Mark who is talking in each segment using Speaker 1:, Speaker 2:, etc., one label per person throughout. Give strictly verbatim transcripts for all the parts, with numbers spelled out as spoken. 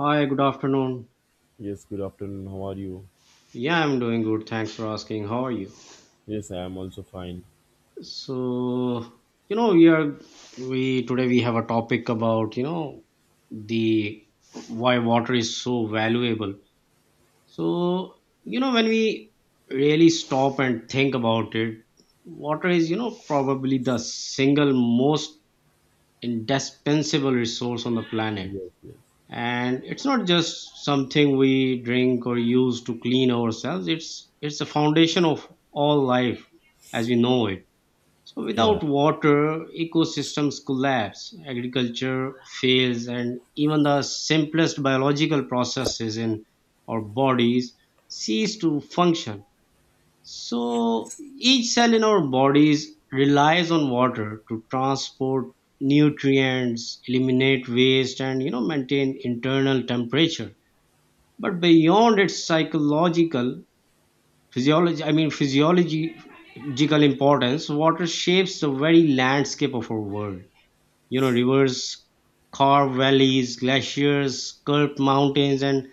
Speaker 1: Hi, good afternoon.
Speaker 2: Yes, good afternoon. How are you?
Speaker 1: Yeah, I'm doing good. Thanks for asking. How are you?
Speaker 2: Yes, I am also fine.
Speaker 1: So, you know, we are we today we have a topic about, you know, the why water is so valuable. So, you know, when we really stop and think about it, water is, you know, probably the single most indispensable resource on the planet,
Speaker 2: Yes, yes.
Speaker 1: and it's not just something we drink or use to clean ourselves. It's it's the foundation of all life as we know it. So
Speaker 2: Yeah.
Speaker 1: without water, ecosystems collapse, agriculture fails, and even the simplest biological processes in our bodies cease to function. So each cell in our bodies relies on water to transport nutrients, eliminate waste, and you know maintain internal temperature. But beyond its psychological physiology I mean physiological importance, water shapes the very landscape of our world. You know, rivers carve valleys, glaciers sculpt mountains, and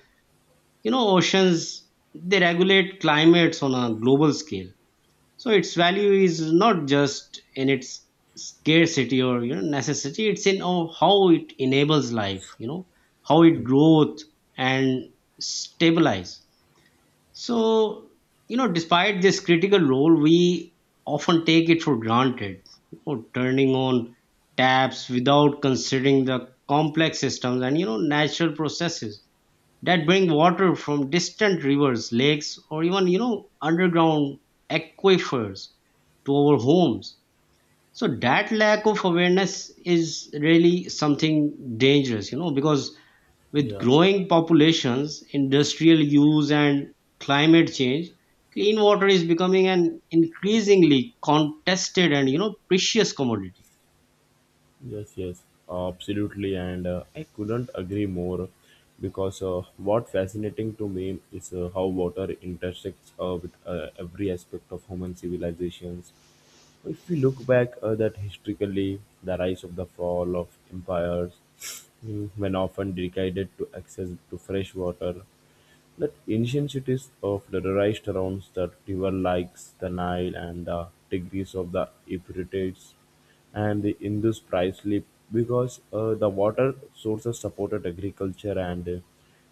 Speaker 1: you know oceans, they regulate climates on a global scale. So its value is not just in its scarcity or you know necessity. It's in how how it enables life. You know how it
Speaker 2: Mm.
Speaker 1: growth and stabilize. So you know, despite this critical role, we often take it for granted. You know, turning on taps without considering the complex systems and you know natural processes that bring water from distant rivers, lakes, or even you know underground aquifers to our homes. So that lack of awareness is really something dangerous, you know, because with
Speaker 2: Yeah,
Speaker 1: growing populations, industrial use, and climate change, clean water is becoming an increasingly contested and you know precious commodity.
Speaker 2: yes, yes. Absolutely. And uh, I couldn't agree more because uh, what fascinating to me is uh, how water intersects uh, with uh, every aspect of human civilizations. If we look back uh, that historically, the rise of the fall of empires, mm, when often decided to access to fresh water. The ancient cities of the Dadarai surround the rivers like the Nile and the Tigris of the Euphrates and the Indus priestly because uh, the water sources supported agriculture and uh,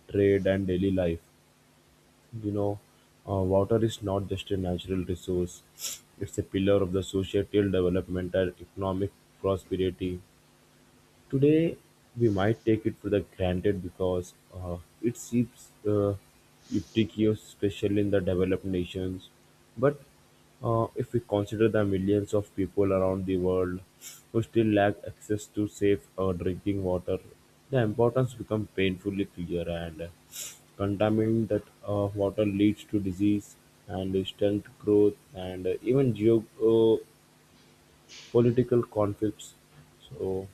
Speaker 2: trade and daily life. You know, uh, water is not just a natural resource, it's a pillar of the societal development and economic prosperity. Today, we might take it for the granted because uh, it seems uh, ubiquitous, especially in the developed nations. But uh, if we consider the millions of people around the world who still lack access to safe uh, drinking water, the importance becomes painfully clear. And uh, contaminating that uh, water leads to disease and distant growth and uh, even geopolitical uh, political conflicts. So.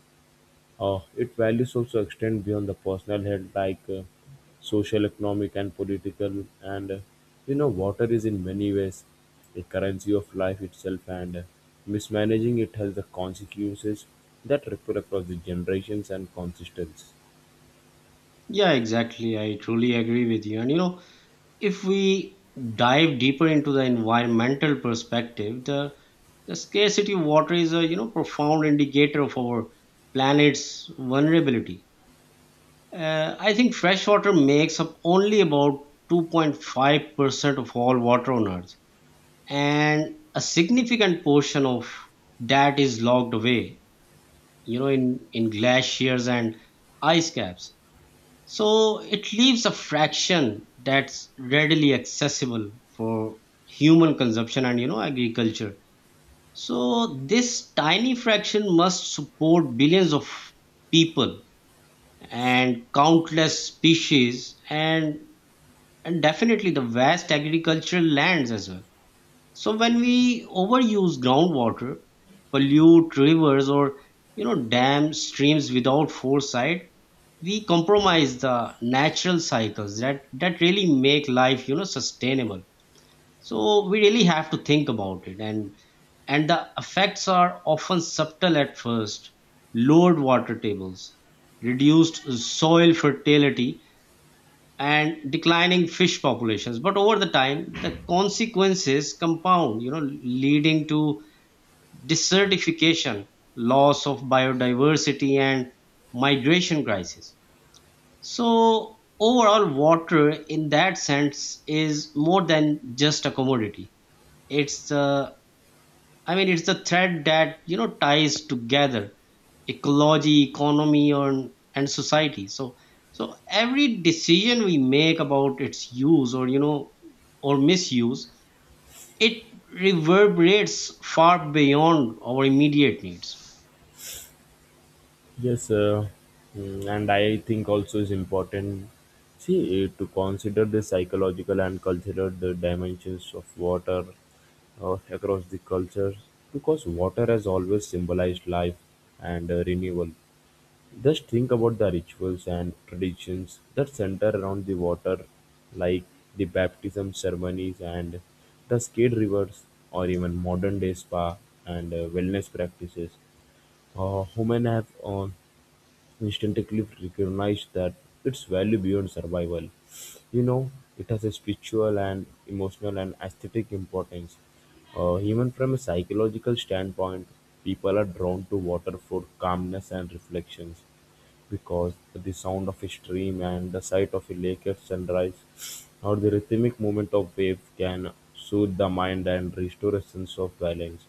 Speaker 2: Uh, its values also extend beyond the personal health, like uh, social, economic, and political. And uh, you know, water is in many ways a currency of life itself, and uh, mismanaging it has the consequences that ripple across the generations and consistencies.
Speaker 1: Yeah, exactly. I truly agree with you. And you know, if we dive deeper into the environmental perspective, the, the scarcity of water is a you know profound indicator of our planet's vulnerability. Uh, I think freshwater makes up only about two point five percent of all water on Earth, and a significant portion of that is locked away, you know, in, in glaciers and ice caps. So it leaves a fraction that's readily accessible for human consumption and you know agriculture. So this tiny fraction must support billions of people and countless species and and definitely the vast agricultural lands as well. So when we overuse groundwater, pollute rivers, or you know dam streams without foresight, we compromise the natural cycles that that really make life you know sustainable. So we really have to think about it, and and the effects are often subtle at first. Lowered water tables, reduced soil fertility, and declining fish populations, but over the time the consequences compound, you know, leading to desertification, loss of biodiversity, and migration crisis. So overall, water in that sense is more than just a commodity. it's the I mean, it's the thread that you know ties together ecology, economy, and and society. So, so every decision we make about its use or you know or misuse, it reverberates far beyond our immediate needs.
Speaker 2: Yes, uh, mm, and I think also is important. See, eh, to consider the psychological and cultural the dimensions of water uh, across the cultures, because water has always symbolized life and uh, renewal. Just think about the rituals and traditions that center around the water, like the baptism ceremonies and the skate rivers, or even modern day spa and uh, wellness practices. Uh, women have on instantly recognize that its value beyond survival. You know, it has a spiritual and emotional and aesthetic importance. Uh, even from a psychological standpoint, people are drawn to water for calmness and reflections because the sound of a stream and the sight of a lake at sunrise or the rhythmic movement of waves can soothe the mind and restore a sense of balance.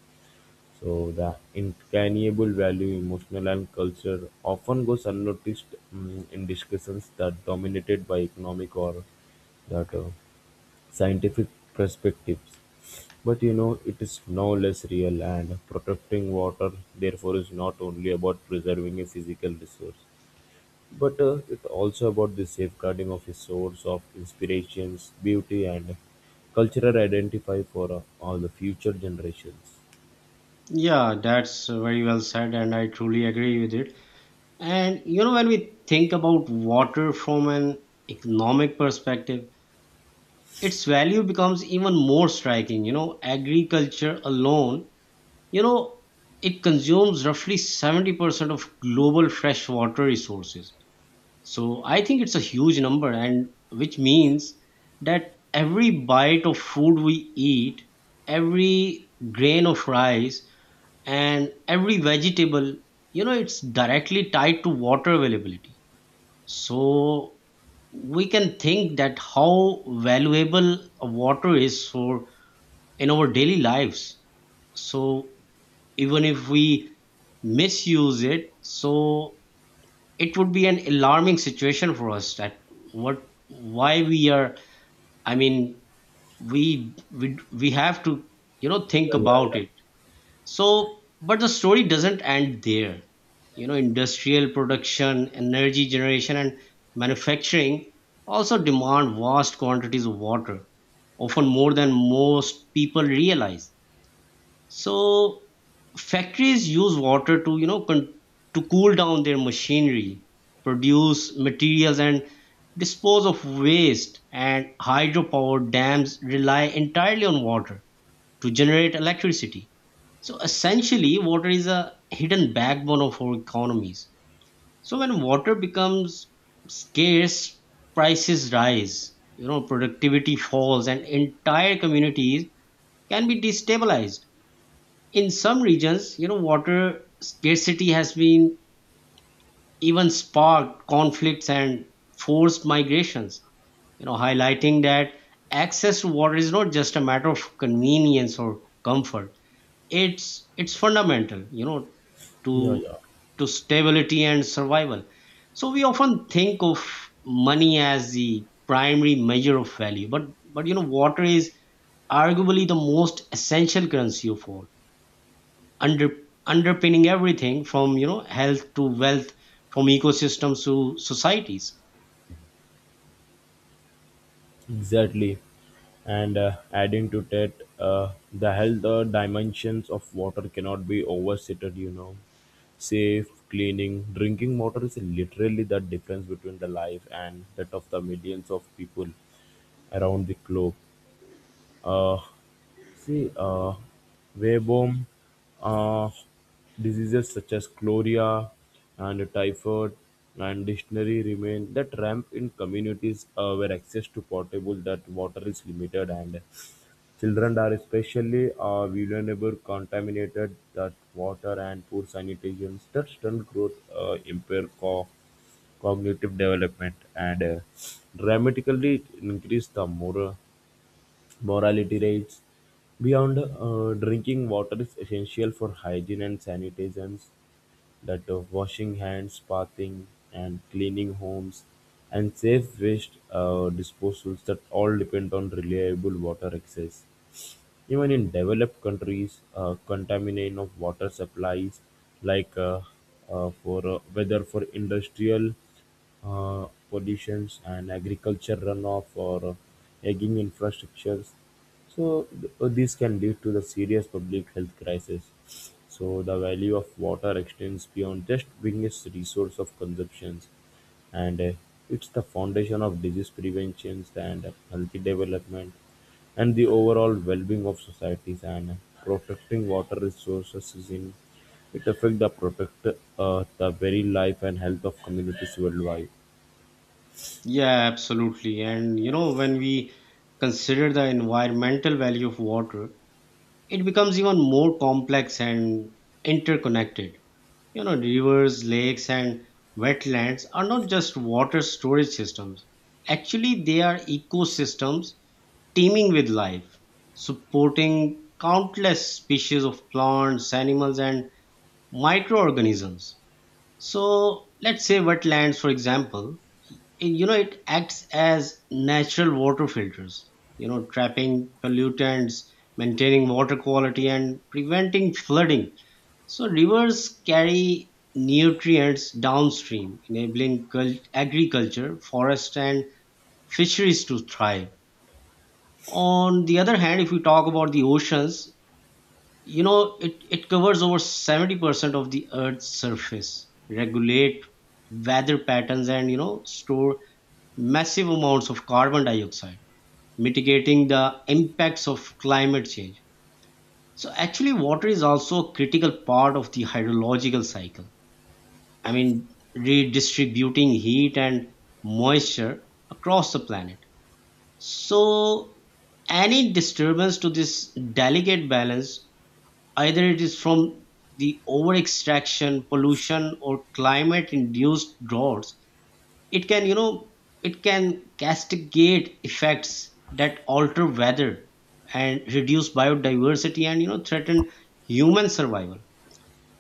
Speaker 2: So the intangible value, emotional and culture often goes unnoticed mm, in discussions that dominated by economic or that uh, scientific perspectives. But you know, it is no less real, and protecting water therefore is not only about preserving a physical resource, but uh, it also about the safeguarding of a source of inspirations, beauty and cultural identity for uh, all the future generations.
Speaker 1: Yeah, that's very well said, and I truly agree with it. And you know, when we think about water from an economic perspective, its value becomes even more striking. You know, agriculture alone, you know, it consumes roughly seventy percent of global freshwater resources. So I think it's a huge number, and which means that every bite of food we eat, every grain of rice, and every vegetable, you know, it's directly tied to water availability. So we can think that how valuable water is for in our daily lives. So even if we misuse it, so it would be an alarming situation for us that what why we are, i mean we we, we have to you know think
Speaker 2: Yeah, yeah,
Speaker 1: about
Speaker 2: yeah.
Speaker 1: it. So but the story doesn't end there. You know, industrial production, energy generation, and manufacturing also demand vast quantities of water, often more than most people realize. So factories use water to you know con- to cool down their machinery, produce materials, and dispose of waste, and hydropower dams rely entirely on water to generate electricity. So essentially water is a hidden backbone of our economies. So when water becomes scarce, prices rise, you know, productivity falls and entire communities can be destabilized. In some regions, you know, water scarcity has been even sparked conflicts and forced migrations, you know, highlighting that access to water is not just a matter of convenience or comfort. It's it's fundamental, you know,
Speaker 2: Yeah,
Speaker 1: to
Speaker 2: yeah.
Speaker 1: to stability and survival. So we often think of money as the primary measure of value, but but you know, water is arguably the most essential currency of all, under underpinning everything from you know health to wealth, from ecosystems to societies.
Speaker 2: Exactly. And uh, adding to that, uh, the health uh, dimensions of water cannot be overstated, you know. Safe, cleaning, drinking water is literally the difference between the life and that of the millions of people around the globe. uh, See. Waveform diseases such as cholera and typhoid and dysentery remain that ramp in communities uh, where access to potable that water is limited, and children are especially uh, vulnerable. Contaminated that water and poor sanitation that stunt growth, uh, impair co- cognitive development, and uh, dramatically increase the moral Morality rates. Beyond uh, drinking water is essential for hygiene and sanitations, that uh, washing hands, bathing, and cleaning homes, and safe waste uh, disposals that all depend on reliable water access. Even in developed countries, uh, contamination of water supplies, like uh, uh, for uh, whether for industrial uh, pollutions and agriculture runoff or uh, aging infrastructures, so th- uh, these can lead to the serious public health crisis. So the value of water extends beyond just being a resource of consumptions, and uh, it's the foundation of disease prevention and healthy development and the overall well-being of societies, and protecting water resources is in it affect the protect uh, the very life and health of communities worldwide.
Speaker 1: Yeah, absolutely. And you know, when we consider the environmental value of water, it becomes even more complex and interconnected. You know, rivers, lakes, and wetlands are not just water storage systems. Actually, they are ecosystems teeming with life, supporting countless species of plants, animals, and microorganisms. So let's say wetlands, for example, eh, you know, it acts as natural water filters, you know, trapping pollutants, maintaining water quality, and preventing flooding. So rivers carry nutrients downstream, enabling cult- agriculture, forest, and fisheries to thrive. On the other hand, if we talk about the oceans, you know, it, it covers over seventy percent of the earth's surface, regulate weather patterns, and you know store massive amounts of carbon dioxide, mitigating the impacts of climate change. So actually water is also a critical part of the hydrological cycle, I mean, redistributing heat and moisture across the planet. So any disturbance to this delicate balance, either it is from the over-extraction, pollution, or climate-induced droughts, it can, you know, it can castigate effects that alter weather and reduce biodiversity and, you know, threaten human survival.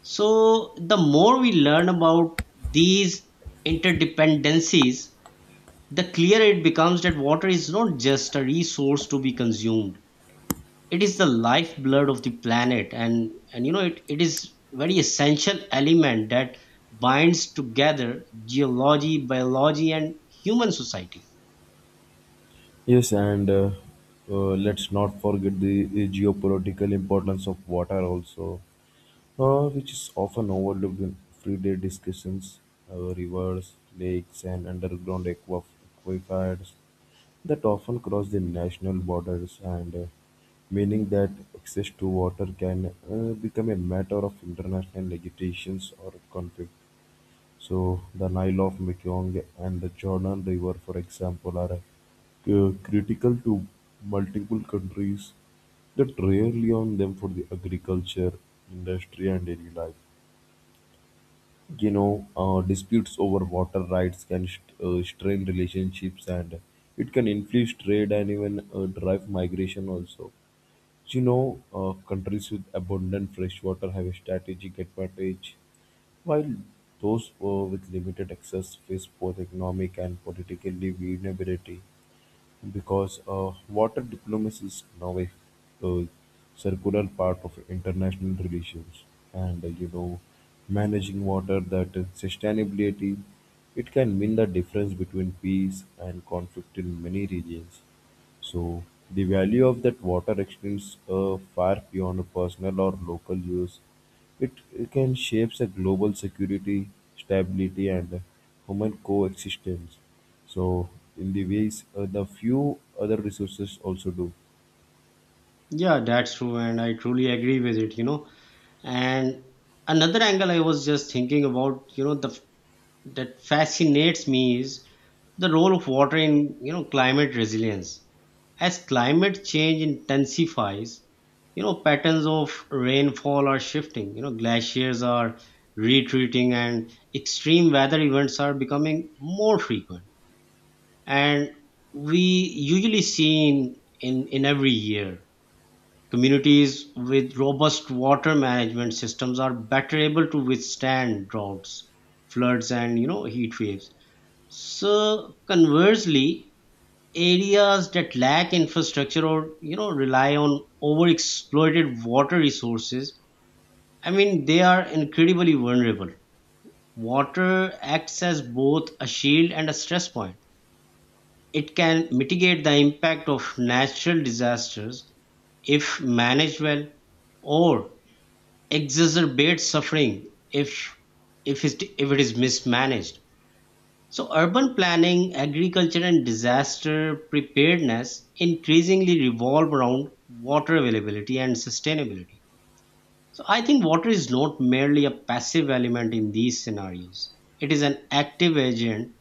Speaker 1: So the more we learn about these interdependencies, the clearer it becomes that water is not just a resource to be consumed, it is the lifeblood of the planet. And and you know, it, it is very essential element that binds together geology, biology, and human society.
Speaker 2: Yes, and uh, uh, let's not forget the, the geopolitical importance of water also, uh, which is often overlooked in everyday discussions. Uh, rivers, lakes, and underground aqua- aquifers that often cross the national borders, and uh, meaning that access to water can uh, become a matter of international legislations or conflict. So the Nile of Mekong and the Jordan River, for example, are uh, critical to multiple countries that rarely on them for the agriculture, industry, and daily life. You know, uh, disputes over water rights can st- uh, strain relationships, and it can influence trade and even uh, drive migration also. You know, uh, countries with abundant fresh water have a strategic advantage, while those uh, with limited access face both economic and political vulnerability because uh, water diplomacy is now a, a circular part of international relations, and uh, you know, managing water that is sustainability, it can mean the difference between peace and conflict in many regions. So the value of that water extends uh, far beyond personal or local use. It, it can shape a global security, stability, and human coexistence. So in the ways uh, the few other resources also do.
Speaker 1: Yeah, that's true, and I truly agree with it. You know, and another angle I was just thinking about, you know, the that fascinates me is the role of water in, you know, climate resilience. As climate change intensifies, you know, patterns of rainfall are shifting, you know, glaciers are retreating and extreme weather events are becoming more frequent. And we usually see in in, in every year, communities with robust water management systems are better able to withstand droughts, floods, and, you know, heat waves. So conversely, areas that lack infrastructure or, you know, rely on overexploited water resources, I mean, they are incredibly vulnerable. Water acts as both a shield and a stress point. It can mitigate the impact of natural disasters if managed well, or exacerbate suffering if if it, if it is mismanaged. So urban planning, agriculture, and disaster preparedness increasingly revolve around water availability and sustainability. So I think water is not merely a passive element in these scenarios, it is an active agent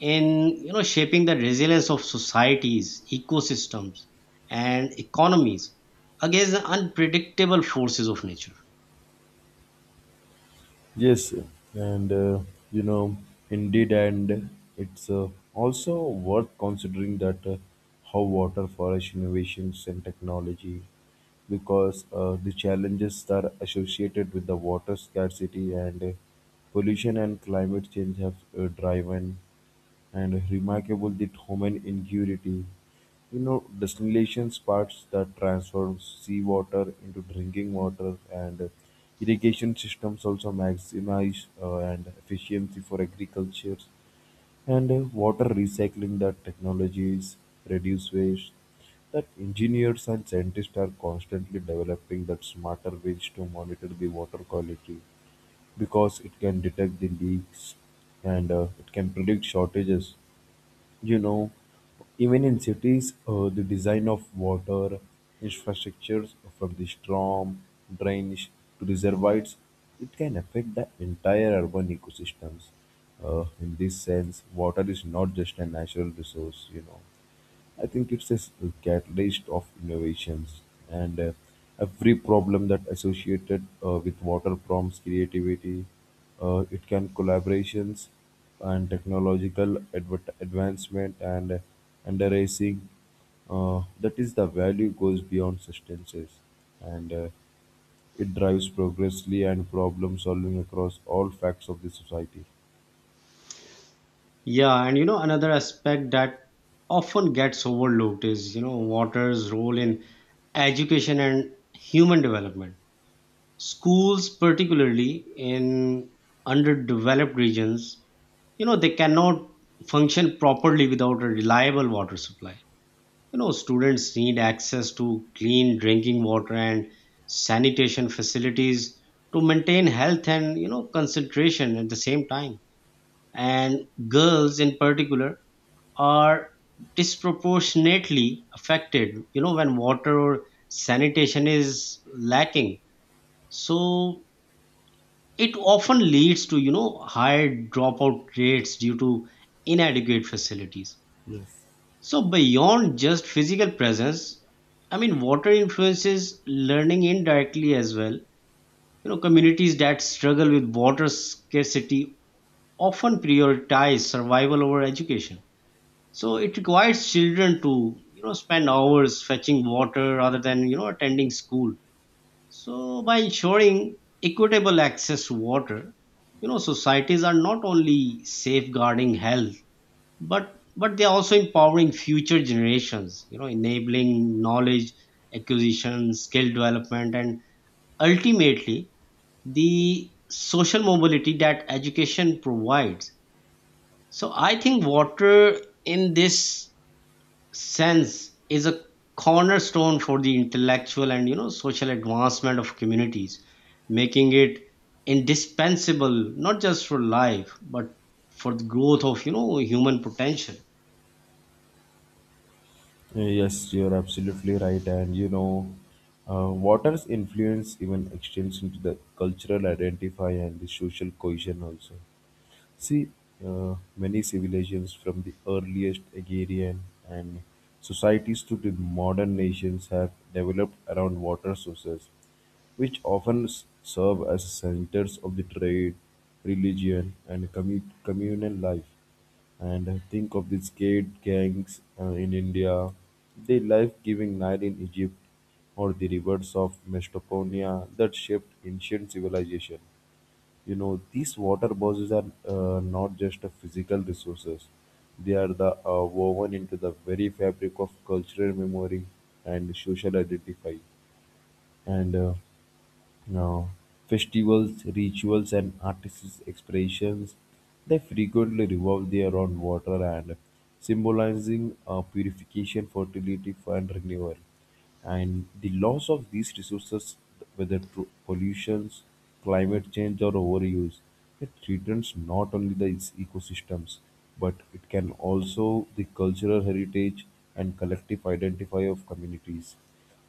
Speaker 1: in, you know, shaping the resilience of societies, ecosystems, and economies against the unpredictable forces of nature.
Speaker 2: Yes, and uh, you know, indeed, and it's uh, also worth considering that uh, how water forest innovations and technology, because uh, the challenges that are associated with the water scarcity and uh, pollution and climate change have uh, driven and remarkable the human ingenuity. You know, desalination parts that transform seawater into drinking water, and irrigation systems also maximize uh, and efficiency for agriculture, and uh, water recycling that technologies reduce waste, that engineers and scientists are constantly developing that smarter ways to monitor the water quality because it can detect the leaks, and uh, it can predict shortages. You know, even in cities, uh, the design of water infrastructures from the storm drains to reservoirs, it can affect the entire urban ecosystems. Uh, in this sense, water is not just a natural resource. You know, I think it's a catalyst of innovations, and uh, every problem that associated uh, with water prompts creativity. Uh, it can collaborations and technological adver- advancement, and uh, underracing. Uh, that is the value goes beyond substances, and uh, it drives progressively and problem solving across all facts of the society.
Speaker 1: Yeah, and you know, another aspect that often gets overlooked is, you know, water's role in education and human development. Schools, particularly in underdeveloped regions, you know, they cannot function properly without a reliable water supply. You know, students need access to clean drinking water and sanitation facilities to maintain health and, you know, concentration at the same time. And girls in particular are disproportionately affected, you know, when water or sanitation is lacking. So it often leads to, you know, higher dropout rates due to inadequate facilities.
Speaker 2: Yes.
Speaker 1: So beyond just physical presence, I mean, water influences learning indirectly as well. You know, communities that struggle with water scarcity often prioritize survival over education. So it requires children to, you know, spend hours fetching water rather than, you know, attending school. So by ensuring equitable access to water, you know, societies are not only safeguarding health, but but they are also empowering future generations, you know, enabling knowledge acquisition, skill development, and ultimately the social mobility that education provides. So I think water in this sense is a cornerstone for the intellectual and, you know, social advancement of communities, making it indispensable not just for life but for the growth of, you know, human potential.
Speaker 2: Yes, you're absolutely right. And you know, uh, water's influence even extends into the cultural identify and the social cohesion also. See, uh, many civilizations from the earliest agrarian and societies to the modern nations have developed around water sources, which often s- serve as centers of the trade, religion, and commu- communal life. And think of the skate gangs uh, in India, the life-giving Nile in Egypt, or the rivers of Mesopotamia that shaped ancient civilization. You know, these water bodies are uh, not just a physical resources; they are the uh, woven into the very fabric of cultural memory and social identify. And uh, now, festivals, rituals, and artists' expressions, they frequently revolve the around water, and symbolizing uh, purification, fertility, and renewal. And the loss of these resources, whether through pollutions, climate change, or overuse, it threatens not only the its ecosystems, but it can also the cultural heritage and collective identity of communities.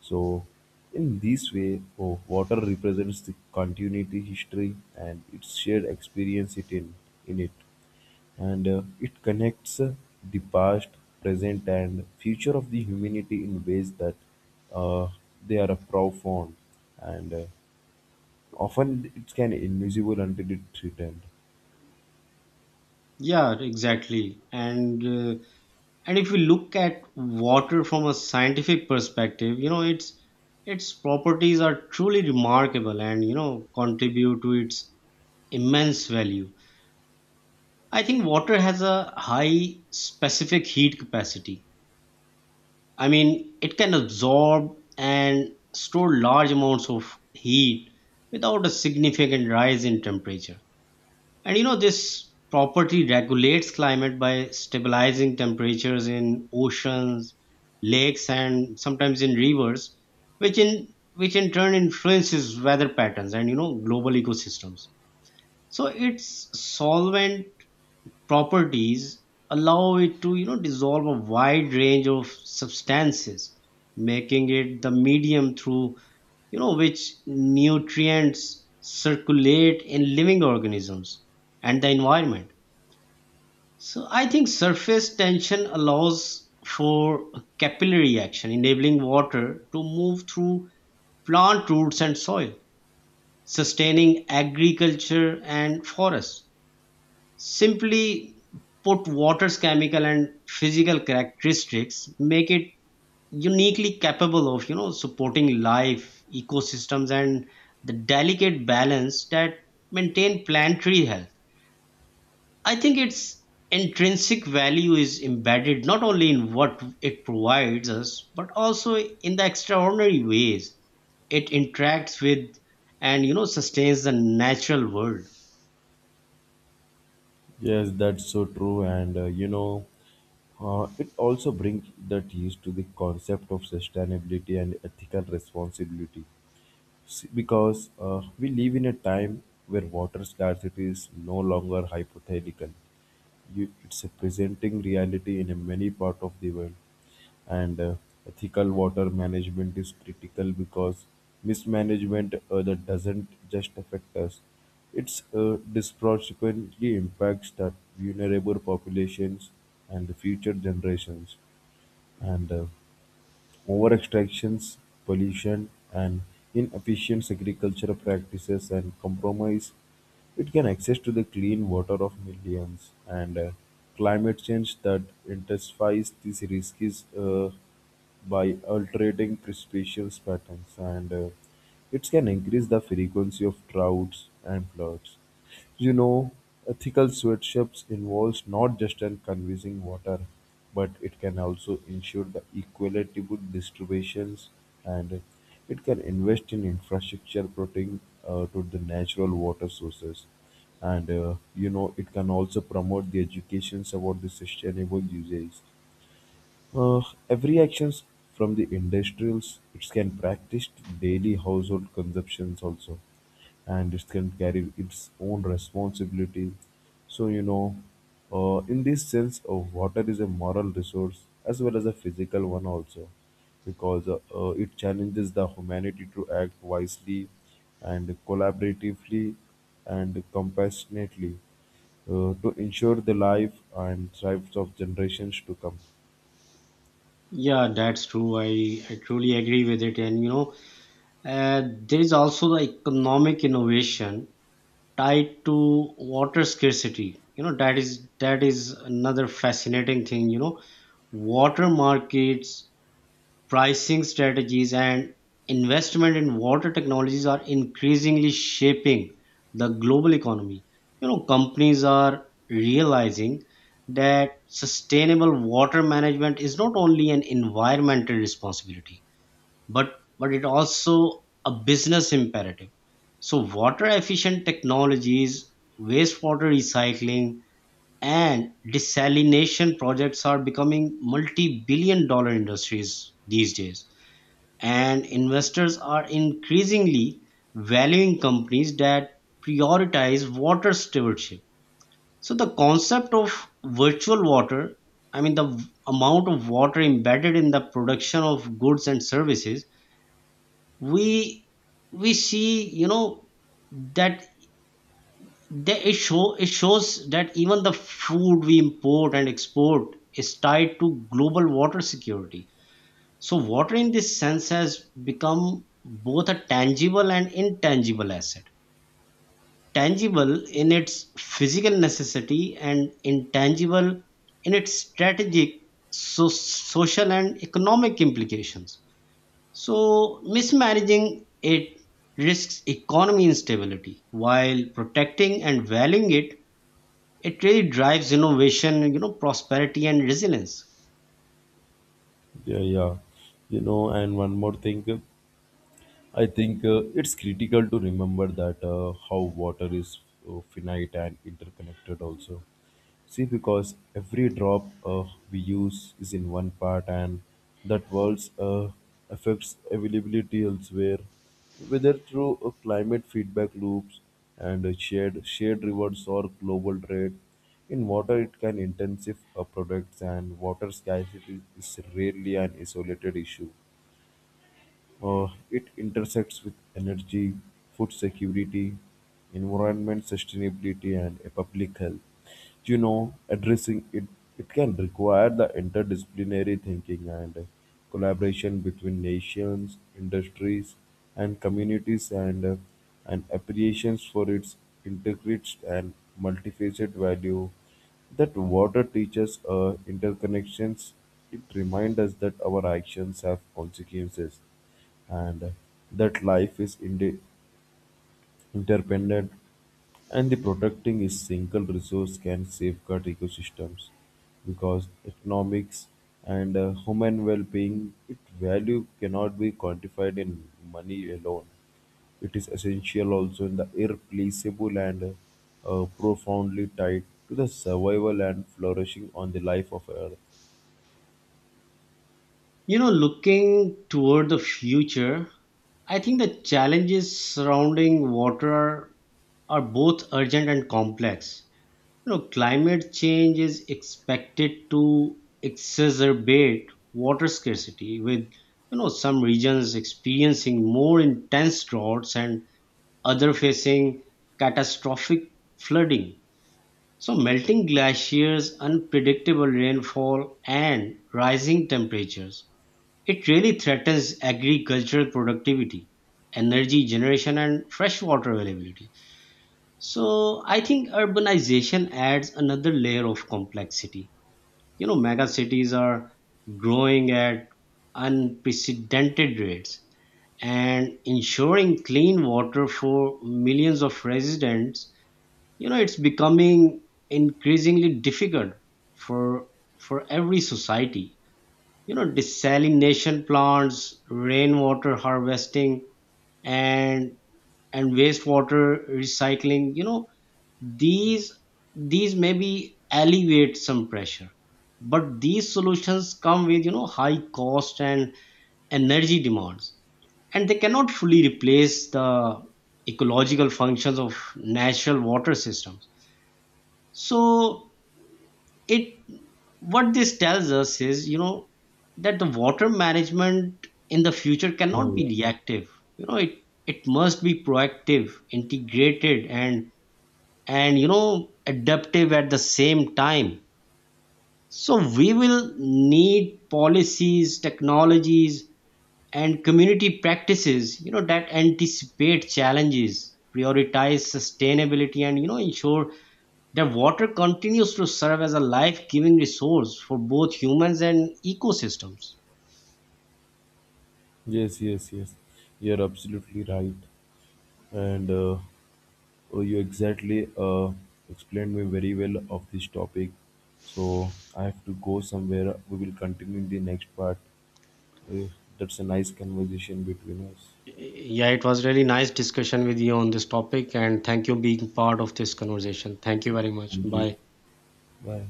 Speaker 2: So, in this way, oh, water represents the continuity, history, and its shared experience it in, in it. And uh, it connects uh, the past, present, and future of the humanity in ways that uh, they are profound. And uh, often it's can invisible until it's returned.
Speaker 1: Yeah, exactly. And uh, and if we look at water from a scientific perspective, you know, its its properties are truly remarkable and, you know, contribute to its immense value. I think water has a high specific heat capacity. I mean, it can absorb and store large amounts of heat without a significant rise in temperature. And you know, this property regulates climate by stabilizing temperatures in oceans, lakes, and sometimes in rivers, which in which in turn influences weather patterns and, you know, global ecosystems. So its solvent properties allow it to you know dissolve a wide range of substances, making it the medium through you know which nutrients circulate in living organisms and the environment. So I think surface tension allows for capillary action, enabling water to move through plant roots and soil, sustaining agriculture and forests. Simply put, water's chemical and physical characteristics make it uniquely capable of you know, supporting life, ecosystems, and the delicate balance that maintain planetary health. I think its intrinsic value is embedded not only in what it provides us, but also in the extraordinary ways it interacts with and you know sustains the natural world.
Speaker 2: Yes, that's so true. And uh, you know, uh, it also brings that use to the concept of sustainability and ethical responsibility. See, because uh, we live in a time where water scarcity is no longer hypothetical. You, it's a presenting reality in a many part of the world, and uh, ethical water management is critical because mismanagement uh, that doesn't just affect us; it's uh, disproportionately impacts the vulnerable populations and the future generations. And uh, over extractions, pollution, and inefficient agricultural practices and compromise it can access to the clean water of millions, and uh, climate change that intensifies these risks uh, by altering precipitation patterns, and uh, it can increase the frequency of droughts and floods. You know, ethical sweatshops involves not just in conserving water, but it can also ensure the equitable distributions, and it can invest in infrastructure protecting uh, to the natural water sources. And uh, you know, it can also promote the educations about the sustainable usage. uh, Every actions from the industrials, it can practice daily household consumptions also, and it can carry its own responsibility. So you know, uh, in this sense, uh, water is a moral resource as well as a physical one also, because uh, uh, it challenges the humanity to act wisely and collaboratively and compassionately uh, to ensure the life and lives of generations to come.
Speaker 1: Yeah, that's true. I, I truly agree with it. And you know, uh, there is also the economic innovation tied to water scarcity. You know, that is that is another fascinating thing. You know, water markets, pricing strategies, and investment in water technologies are increasingly shaping the global economy. You know, companies are realizing that sustainable water management is not only an environmental responsibility, but but it also a business imperative. So, water efficient technologies, wastewater recycling, and desalination projects are becoming multi billion dollar industries these days, and investors are increasingly valuing companies that prioritize water stewardship. So, the concept of virtual water, I mean, the v- amount of water embedded in the production of goods and services, we we see, you know, that the, it, show, it shows that even the food we import and export is tied to global water security. So water in this sense has become both a tangible and intangible asset. Tangible in its physical necessity and intangible in its strategic, so- social, and economic implications. So mismanaging it risks economy instability, while protecting and valuing it it really drives innovation, you know prosperity, and resilience.
Speaker 2: Yeah, yeah. You know, and one more thing. I think uh, it's critical to remember that uh, how water is uh, finite and interconnected also. See, because every drop uh, we use is in one part, and that world's uh, affects availability elsewhere, whether through uh, climate feedback loops and uh, shared shared rewards or global trade. In water, it can intensive uh, products, and water scarcity is rarely an isolated issue. Uh, it intersects with energy, food security, environment sustainability, and uh, public health. You know, addressing it, it can require the interdisciplinary thinking and uh, collaboration between nations, industries, and communities, and uh, an appreciation for its integrated and multifaceted value that water teaches uh, interconnections. It reminds us that our actions have consequences, and that life is inde- interdependent, and the protecting a single resource can safeguard ecosystems because economics and uh, human well-being, its value cannot be quantified in money alone. It is essential also in the irreplaceable and uh, profoundly tied to the survival and flourishing on the life of earth.
Speaker 1: You know, looking toward the future, I think the challenges surrounding water are both urgent and complex. You know, climate change is expected to exacerbate water scarcity, with you know some regions experiencing more intense droughts and other facing catastrophic flooding. So, melting glaciers, unpredictable rainfall, and rising temperatures it really threatens agricultural productivity, energy generation, and freshwater availability. So I think urbanization adds another layer of complexity. You know, mega cities are growing at unprecedented rates, and ensuring clean water for millions of residents, you know, it's becoming increasingly difficult for for every society. You know, desalination plants, rainwater harvesting, and and wastewater recycling, you know, these these maybe alleviate some pressure, but these solutions come with you know high cost and energy demands, and they cannot fully replace the ecological functions of natural water systems. So it what this tells us is, you know, that the water management in the future
Speaker 2: Yeah,
Speaker 1: cannot be
Speaker 2: yeah.
Speaker 1: reactive. You know, it it must be proactive, integrated, and and you know adaptive at the same time. So we will need policies, technologies, and community practices you know that anticipate challenges, prioritize sustainability, and you know ensure that water continues to serve as a life-giving resource for both humans and ecosystems.
Speaker 2: Yes, yes, yes, you're absolutely right. And uh, oh, you exactly uh, explained me very well of this topic. So I have to go somewhere. We will continue in the next part. Uh, that's a nice conversation between us.
Speaker 1: Yeah, it was really nice discussion with you on this topic, and thank you being part of this conversation. Thank you very much.
Speaker 2: Thank you.
Speaker 1: Bye.
Speaker 2: Bye.